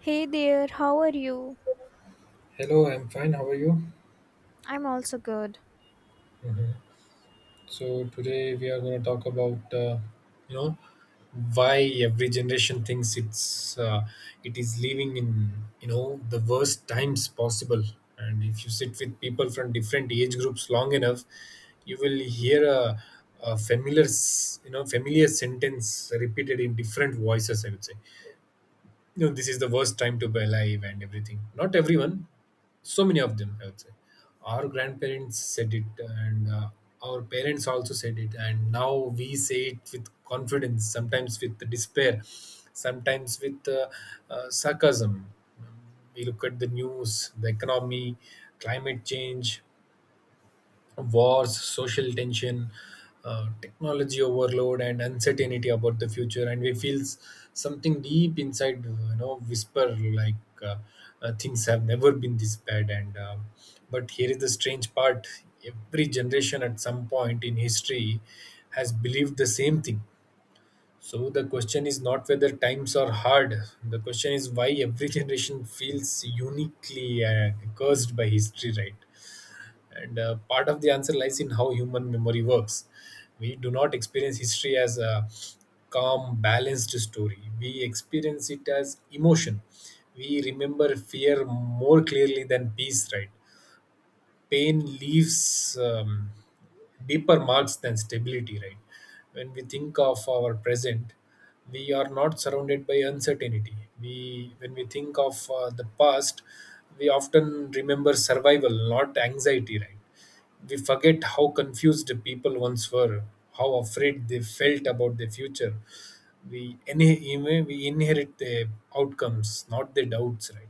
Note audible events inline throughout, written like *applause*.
Hey there, how are you? Hello, I'm fine. How are you? I'm also good. So today we are going to talk about you know why every generation thinks it is living in the worst times possible. And if you sit with people from different age groups long enough, you will hear a familiar s- you know familiar sentence repeated in different voices. I would say this is the worst time to be alive and everything, not everyone, so many of them I would say our grandparents said it, and our parents also said it, and now we say it with confidence, sometimes with despair, sometimes with sarcasm. We look at the news, the economy, climate change, wars, social tension, technology overload, and uncertainty about the future. And we feel something deep inside, you know, whisper like, uh, things have never been this bad. And But here is the strange part: every generation at some point in history has believed the same thing. So the question is not whether times are hard. The question is why every generation feels uniquely cursed by history, right? And part of the answer lies in how human memory works. We do not experience history as a calm, balanced story. We experience it as emotion. We remember fear more clearly than peace, right? Pain leaves deeper marks than stability, right? When we think of our present, we are not surrounded by uncertainty. We, when we think of the past, we often remember survival, not anxiety, right? We forget how confused the people once were, how afraid they felt about the future. We inherit the outcomes, not the doubts, right?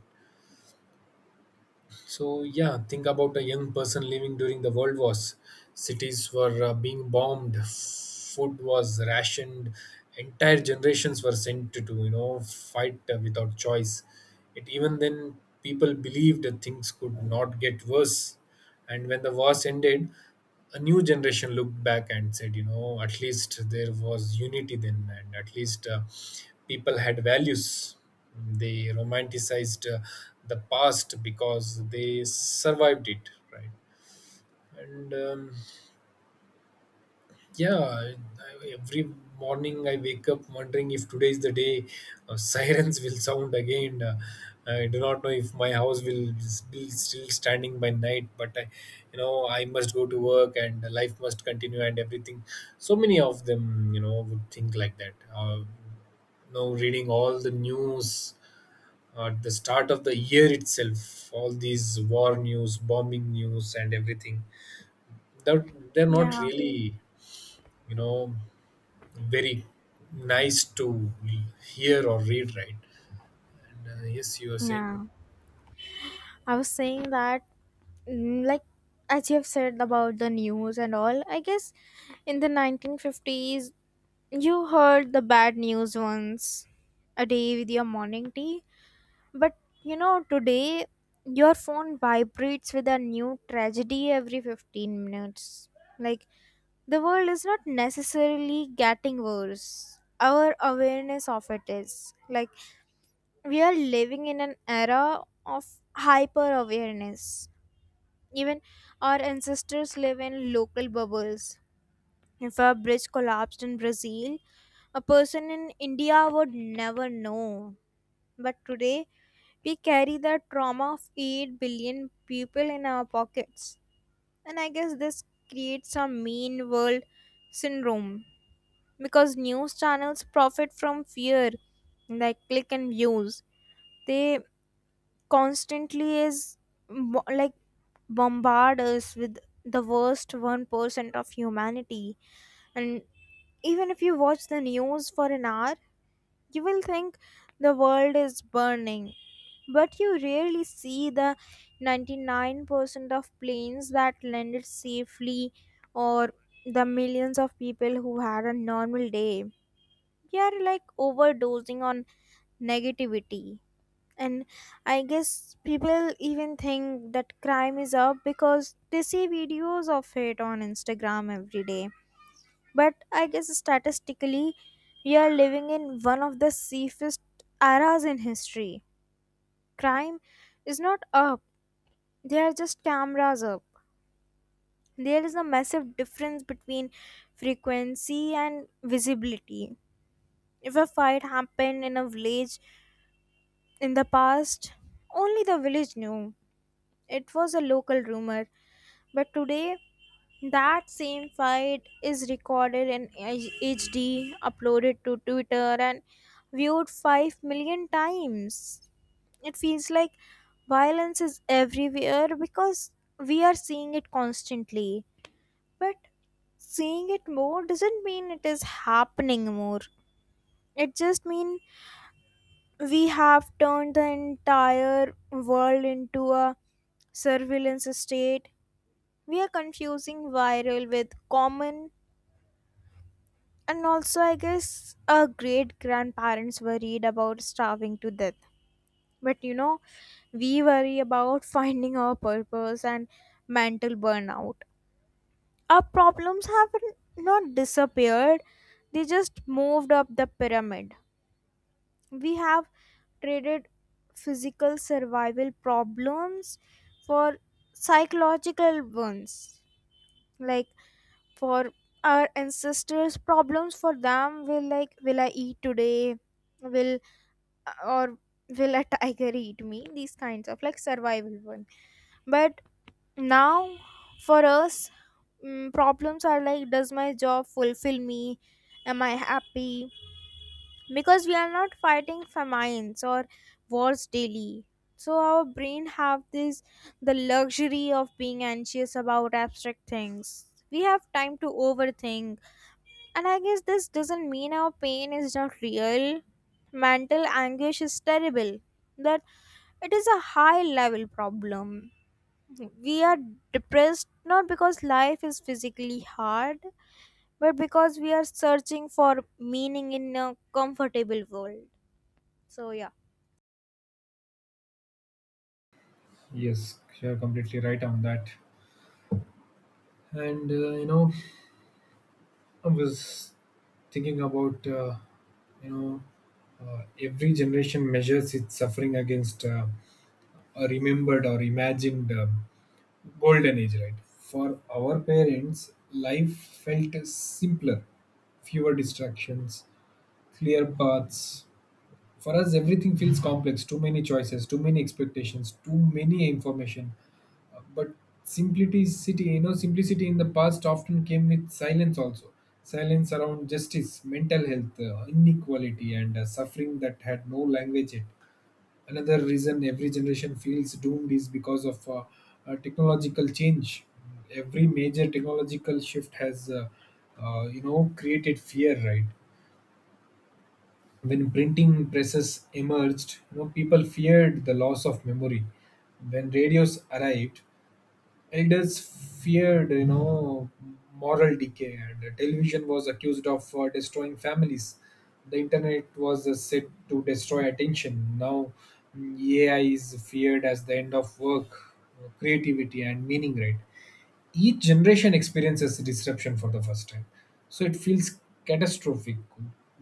So yeah, think about a young person living during the world wars. Cities were being bombed, food was rationed, entire generations were sent to fight without choice. It, even then people believed that things could not get worse, and when the wars ended, a new generation looked back and said, you know, at least there was unity then, and at least people had values. They romanticized the past because they survived it, right? And Yeah, every morning I wake up wondering if today is the day *laughs* sirens will sound again. I do not know if my house will be still standing by night, but I, you know, I must go to work and life must continue and everything. So many of them, you know, would think like that. You know, reading all the news at the start of the year itself, all these war news, bombing news, and everything. That they're not Yeah, really, you know, very nice to hear or read, right? And yes, you were saying. yeah. I was saying that, like, as you have said about the news and all, I guess in the 1950s, you heard the bad news once a day with your morning tea. But you know, today, your phone vibrates with a new tragedy every 15 minutes. Like, the world is not necessarily getting worse, our awareness of it is. Like, we are living in an era of hyper awareness. Even our ancestors live in local bubbles. If a bridge collapsed in Brazil, a person in India would never know. But today, we carry the trauma of 8 billion people in our pockets. And I guess this creates a mean world syndrome because news channels profit from fear, like click and views. They constantly is bo- like Bombard us with the worst 1% of humanity. And even if you watch the news for an hour, you will think the world is burning, but you rarely see the 99% of planes that landed safely, or the millions of people who had a normal day. We are like overdosing on negativity. And I guess people even think that crime is up because they see videos of it on Instagram every day, but I guess statistically we are living in one of the safest eras in history. Crime is not up, they are just cameras up. There is a massive difference between frequency and visibility. If a fight happened in a village in the past, only the village knew, it was a local rumor. But today, that same fight is recorded in HD, uploaded to Twitter, and viewed 5 million times. It feels like violence is everywhere because we are seeing it constantly. But seeing it more doesn't mean it is happening more. It just means we have turned the entire world into a surveillance state. We are confusing viral with common. And also, I guess our great grandparents worried about starving to death. But you know, we worry about *laughs* finding our purpose and mental burnout. Our problems haven't disappeared, they just moved up the pyramid. We have traded physical survival problems for psychological ones. Like, for our ancestors, problems for them will, like, will I eat today, will, or will a tiger eat me, these kinds of like survival one. But now for us, problems are like, does my job fulfill me, am I happy? Because we are not fighting famines or wars daily, so our brain have this, the luxury of being anxious about abstract things. We have time to overthink. And I guess this doesn't mean our pain is not real. Mental anguish is terrible. That it is a high level problem. We are depressed not because life is physically hard, but because we are searching for meaning in a comfortable world. So, yeah. Yes, you're completely right on that. And you know, I was thinking about you know, every generation measures its suffering against a remembered or imagined golden age, right? For our parents, life felt simpler, fewer distractions, clear paths. For us, everything feels complex, too many choices, too many expectations, too many information. But simplicity, you know, simplicity in the past often came with silence also. Silence around justice, mental health, inequality, and suffering that had no language yet. Another reason every generation feels doomed is because of technological change. Every major technological shift has, you know, created fear, right? When printing presses emerged, you know, people feared the loss of memory. When radios arrived, elders feared, you know, moral decay, and television was accused of destroying families. The internet was said to destroy attention. Now, AI is feared as the end of work, creativity, and meaning. Right? Each generation experiences disruption for the first time, so it feels catastrophic.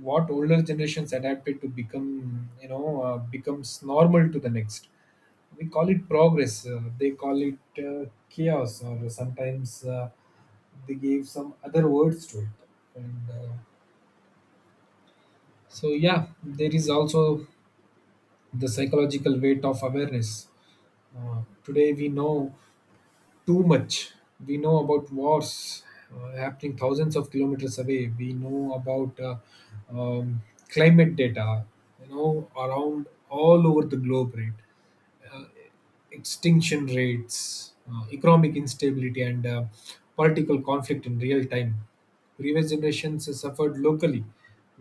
What older generations adapted to become, becomes normal to the next. We call it progress, they call it chaos, or sometimes they gave some other words to it. And so yeah, there is also the psychological weight of awareness. Today we know too much. We know about wars happening thousands of kilometers away. We know about um, climate data, you know, around all over the globe, right? Uh, extinction rates, economic instability, and political conflict in real time. Previous generations suffered locally.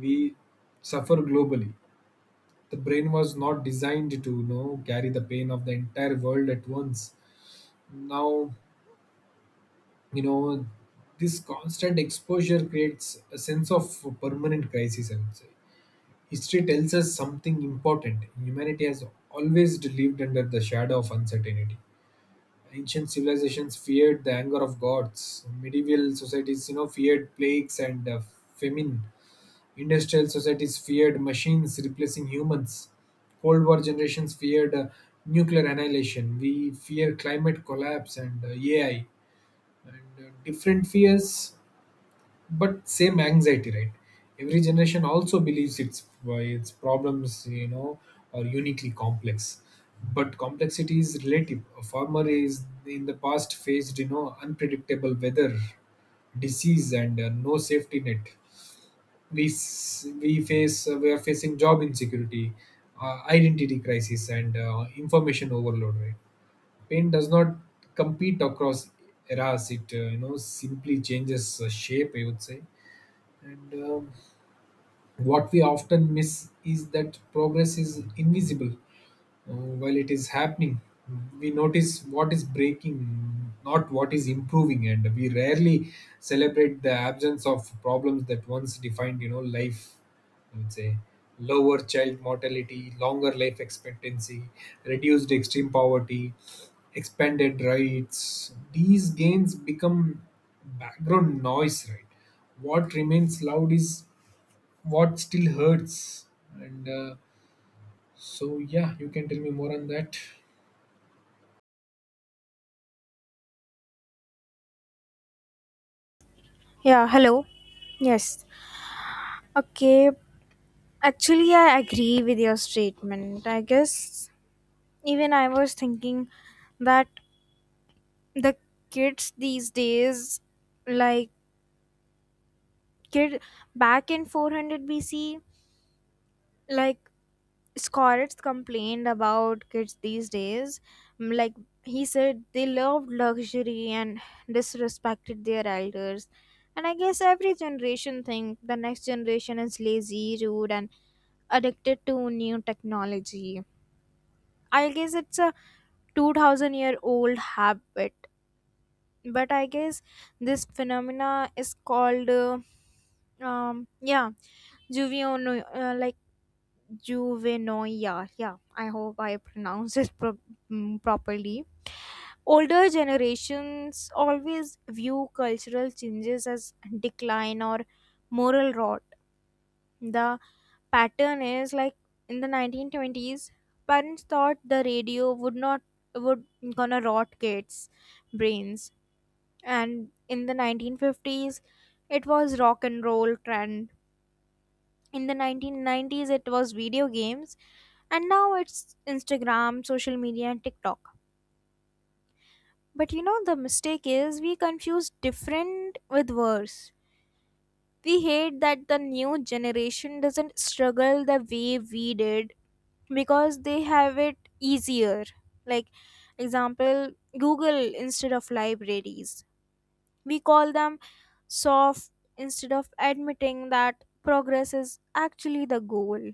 We suffer globally. The brain was not designed to, you know, carry the pain of the entire world at once. Now, you know, this constant exposure creates a sense of permanent crisis, I would say. History tells us something important: humanity has always lived under the shadow of uncertainty. Ancient civilizations feared the anger of gods, medieval societies, you know, feared plagues and famine, industrial societies feared machines replacing humans, cold war generations feared nuclear annihilation, we fear climate collapse and AI. And different fears, but same anxiety, right? Every generation also believes its problems, you know, are uniquely complex. But complexity is relative. A farmer is in the past faced, you know, unpredictable weather, disease, and no safety net. We face we are facing job insecurity, identity crisis, and information overload, right? Pain does not compete across eras, it you know, simply changes shape, I would say. And What we often miss is that progress is invisible while it is happening. We notice what is breaking, not what is improving, and we rarely celebrate the absence of problems that once defined, you know, life. I would say lower child mortality, longer life expectancy, reduced extreme poverty, expanded rights. These gains become background noise, right? What remains loud is what still hurts. And so yeah, you can tell me more on that. Yeah, hello. Yes. Okay. Actually, I agree with your statement. I guess even I was thinking that the kids these days, like, kid back in 400 bc, like, scholars complained about kids these days. Like, he said they loved luxury and disrespected their elders. And I guess every generation think the next generation is lazy, rude and addicted to new technology. I guess it's a 2000-year-old habit. But I guess this phenomena is called yeah, Juviono, like Juvenoia. Yeah, I hope I pronounce it properly. Older generations always view cultural changes as decline or moral rot. The pattern is like, in the 1920s, parents thought the radio would not would gonna rot kids' brains, and in the 1950s, it was rock and roll trend, in the 1990s it was video games, and now it's Instagram, social media and TikTok. But you know, the mistake is we confuse different with worse. We hate that the new generation doesn't struggle the way we did because they have it easier. Like, example, Google instead of libraries. We call them soft instead of admitting that progress is actually the goal.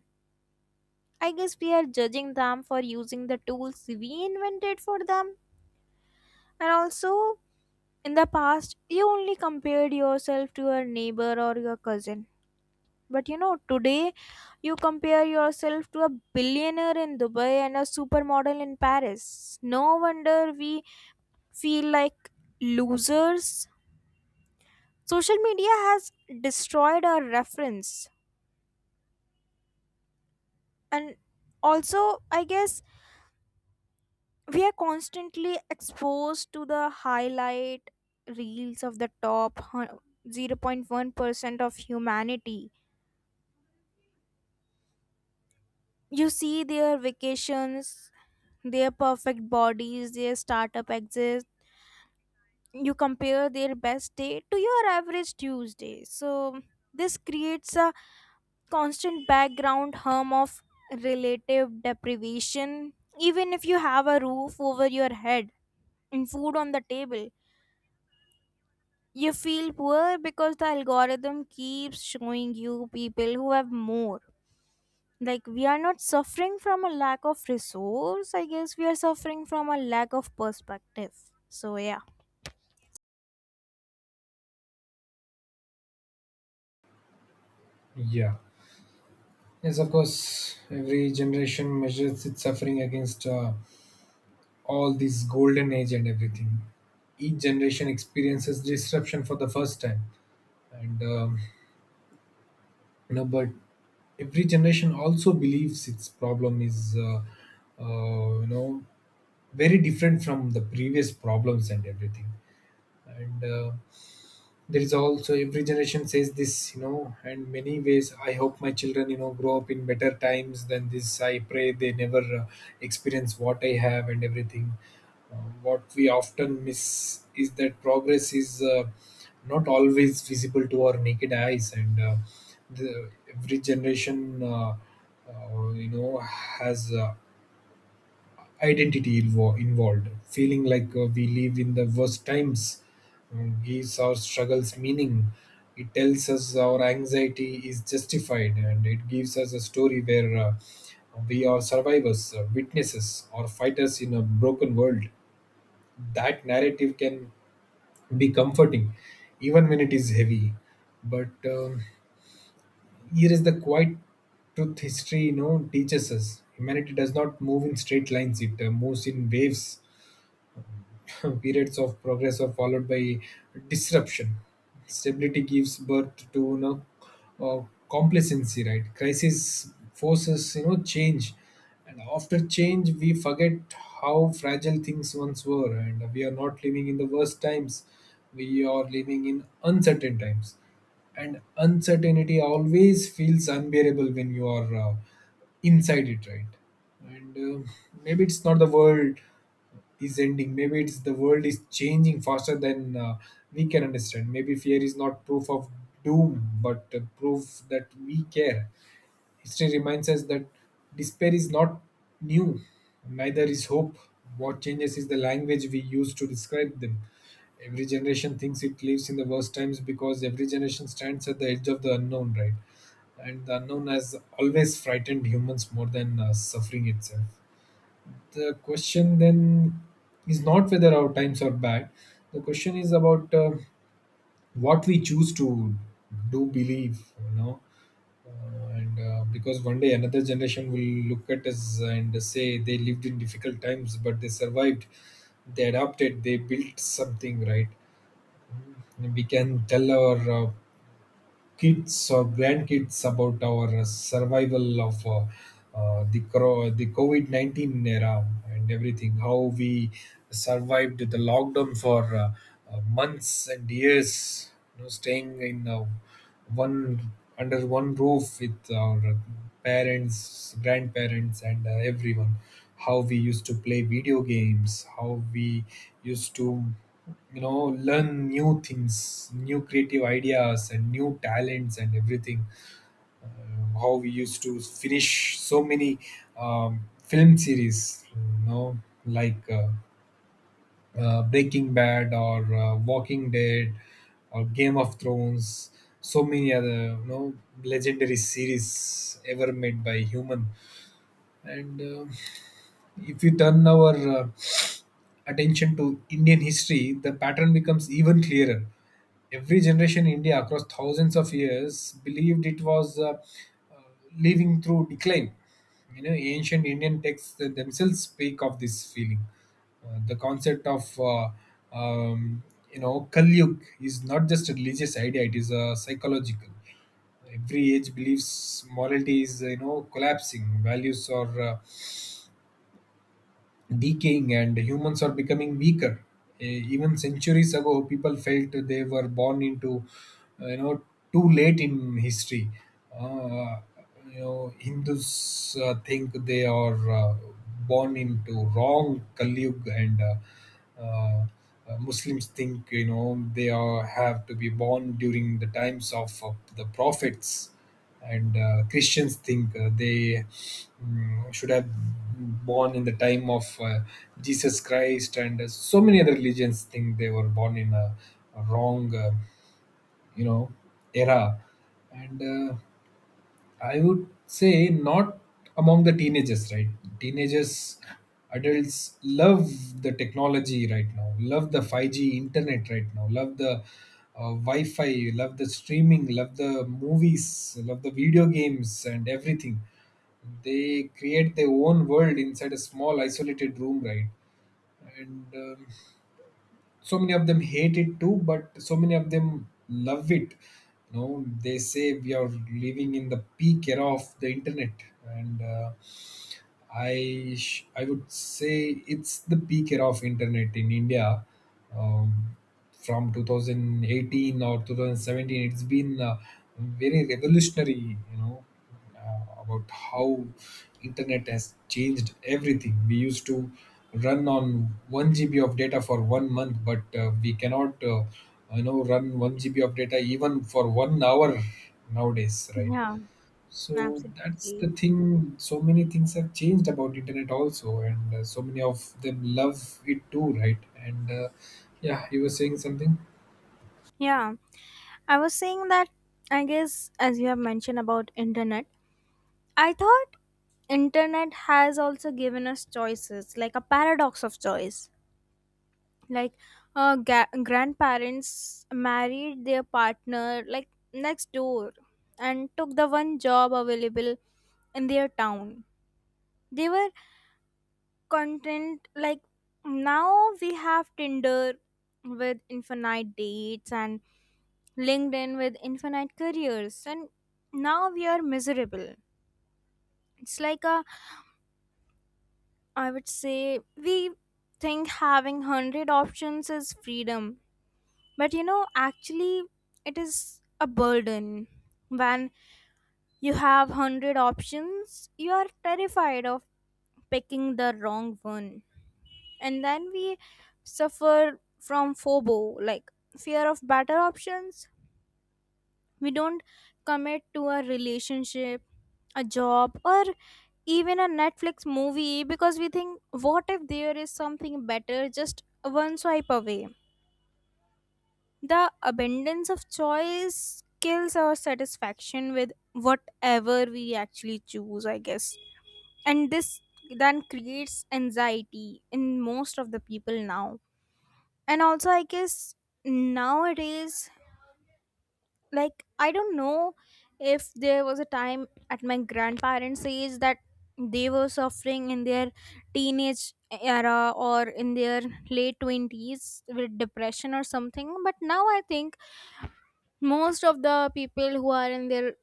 I guess we are judging them for using the tools we invented for them. And also, in the past, you only compared yourself to your neighbor or your cousin. But you know, today you compare yourself to a billionaire in Dubai and a supermodel in Paris. No wonder we feel like losers. Social media has destroyed our reference. And also, I guess we are constantly exposed to the highlight reels of the top 0.1% of humanity. You see their vacations, their perfect bodies, their startup exits. You compare their best day to your average Tuesday. So, this creates a constant background hum of relative deprivation. Even if you have a roof over your head and food on the table, you feel poor because the algorithm keeps showing you people who have more. Like, we are not suffering from a lack of resource, I guess we are suffering from a lack of perspective. So, yeah. Yeah. Yes, of course, every generation measures its suffering against all this golden age and everything. Each generation experiences disruption for the first time. And You know, but every generation also believes its problem is you know, very different from the previous problems and everything. And there is also every generation says this, you know, and many ways I hope my children, you know, grow up in better times than this. I pray they never experience what I have and everything. What we often miss is that progress is not always visible to our naked eyes. And the, every generation, uh, uh, you know has involved, feeling like we live in the worst times, gives our struggles meaning. It tells us our anxiety is justified, and it gives us a story where we are survivors, witnesses, or fighters in a broken world. That narrative can be comforting, even when it is heavy. But Here is the quiet truth: history, you know, teaches us humanity does not move in straight lines, it moves in waves. *laughs* Periods of progress are followed by disruption. Stability gives birth to, you know, complacency, right? Crisis forces, you know, change, and after change, we forget how fragile things once were, and we are not living in the worst times. We are living in uncertain times, and uncertainty always feels unbearable when you are inside it, right? And uh, maybe it's not the world is ending. Maybe it's the world is changing faster than we can understand. Maybe fear is not proof of doom, but proof that we care. History reminds us that despair is not new, neither is hope. What changes is the language we use to describe them. Every generation thinks it lives in the worst times because every generation stands at the edge of the unknown, right? And the unknown has always frightened humans more than suffering itself. The question then is not whether our times are bad, the question is about what we choose to do, believe, you know. And Because one day another generation will look at us and say they lived in difficult times but they survived, they adapted, they built something, right? And we can tell our kids or grandkids about our survival of the COVID 19 era and everything. How we survived the lockdown for months and years, you know, staying in one, under one roof with our parents, grandparents, and everyone. How we used to play video games, how we used to, you know, learn new things, new creative ideas and new talents, and everything. How we used to finish so many film series, you know, like Breaking Bad or Walking Dead or Game of Thrones, so many other, you know, legendary series ever made by human. And if we turn our attention to Indian history, the pattern becomes even clearer. Every generation in India across thousands of years believed it was living through decline. You know, ancient Indian texts themselves speak of this feeling. The concept of um, you know Kali Yuga is not just a religious idea; it is a psychological every age believes morality is you know collapsing, values are decaying, and humans are becoming weaker. Even centuries ago people felt they were born into you know too late in history. uh, you know hindus think they are born into wrong kalyug, and uh, Muslims think you know they are have to be born during the times of the prophets, and Christians think they should have born in the time of Jesus Christ, and so many other religions think they were born in a wrong, you know, era, and I would say not among the teenagers, right? Teenagers, adults love the technology right now, love the 5G internet right now, love the Wi Fi, love the streaming, love the movies, love the video games, and everything. They create their own world inside a small isolated room, right? And so many of them hate it too but so many of them love it. You know they say we are living in the peak era of the internet, and I would say it's the peak era of internet in India. Um, from 2018 or 2017, it's been very revolutionary. You know about how internet has changed everything. We used to run on 1 GB of data for 1 month, but we cannot you know run 1 GB of data even for 1 hour nowadays, right? Yeah, So that's the absolutely. thing. So many things have changed about internet also, and so many of them love it too, right? And yeah, you were saying something. Yeah, I was saying that, I guess, as you have mentioned about internet, I thought internet has also given us choices, like a paradox of choice. Like, grandparents married their partner like next door and took the one job available in their town. They were content. Like, now we have Tinder with infinite dates, and LinkedIn with infinite careers, and now we are miserable. It's like a, I would say we think having 100 options is freedom. But you know, actually, it is a burden. When you have 100 options, you are terrified of picking the wrong one. And then we suffer from FOBO, like fear of better options. We don't commit to a relationship, a job, or even a Netflix movie because we think, what if there is something better just one swipe away? The abundance of choice kills our satisfaction with whatever we actually choose, I guess. And this then creates anxiety in most of the people now. And also, I guess nowadays, like, I don't know if there was a time at my grandparents' age that they were suffering in their teenage era or in their late 20s with depression or something. But now I think most of the people who are in their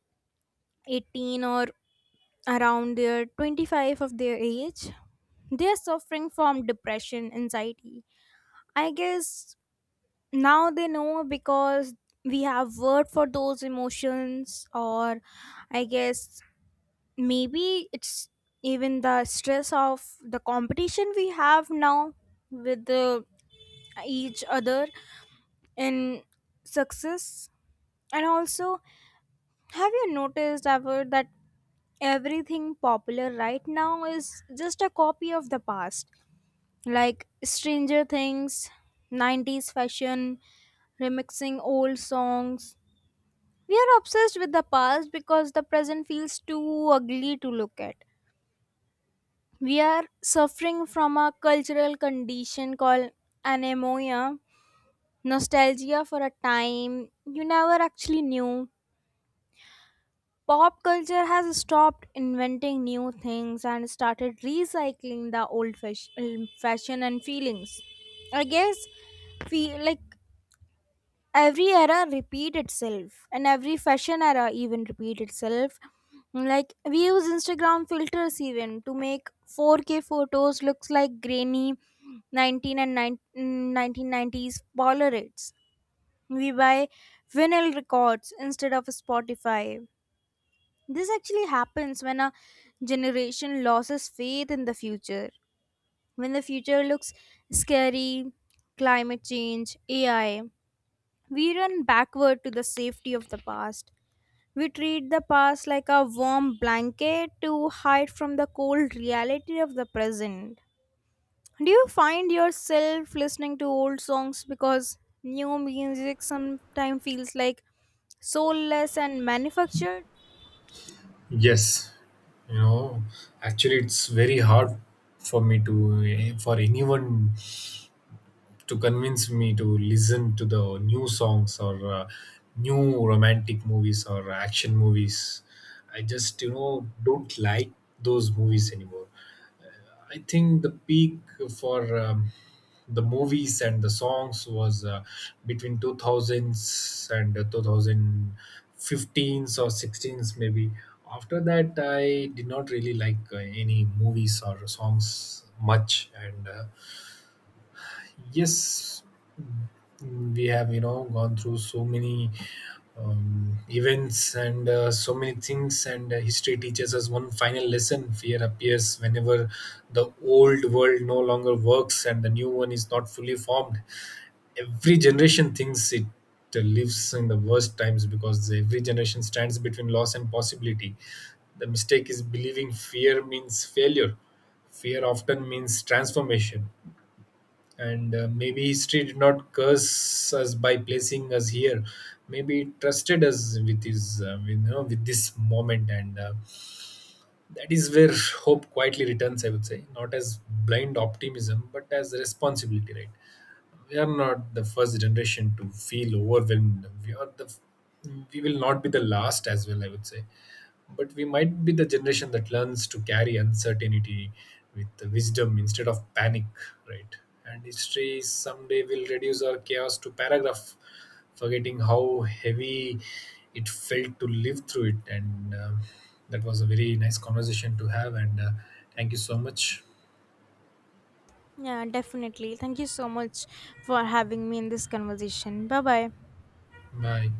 18 or around their 25 of their age, they are suffering from depression, anxiety. I guess now they know because we have word for those emotions. Or I guess maybe it's even the stress of the competition we have now with each other in success. And also, have you noticed ever that everything popular right now is just a copy of the past? Like Stranger Things, 90s fashion, remixing old songs. We are obsessed with the past because the present feels too ugly to look at. We are suffering from a cultural condition called anemoia, nostalgia for a time you never actually knew. Pop culture has stopped inventing new things and started recycling the old fashion and feelings. I guess feel like every era repeat itself, and every fashion era even repeat itself. Like, we use Instagram filters even to make 4K photos looks like grainy 19 and 9 1990s Polaroids. We buy vinyl records instead of Spotify. This actually happens when a generation loses faith in the future. When the future looks scary, climate change, AI, we run backward to the safety of the past. We treat the past like a warm blanket to hide from the cold reality of the present. Do you find yourself listening to old songs because new music sometimes feels like soulless and manufactured? Yes, you know, actually, it's very hard for me to for anyone to convince me to listen to the new songs or new romantic movies or action movies. I just you know don't like those movies anymore. I think the peak for the movies and the songs was between 2000s and 2015s or 16s maybe. After that, I did not really like any movies or songs much, and yes, we have, you know, gone through so many events and so many things, and history teaches us one final lesson. Fear appears whenever the old world no longer works and the new one is not fully formed. Every generation thinks it lives in the worst times because every generation stands between loss and possibility. The mistake is believing fear means failure. Fear often means transformation, and maybe history did not curse us by placing us here. Maybe it trusted us with his you know with this moment, and that is where hope quietly returns. I would say not as blind optimism but as responsibility, right? We are not the first generation to feel overwhelmed. We will not be the last as well, I would say, but we might be the generation that learns to carry uncertainty with wisdom instead of panic, right? And history someday will reduce our chaos to paragraph, forgetting how heavy it felt to live through it. And that was a very nice conversation to have, and thank you so much. Yeah, definitely. Thank you so much for having me in this conversation. Bye bye. Bye.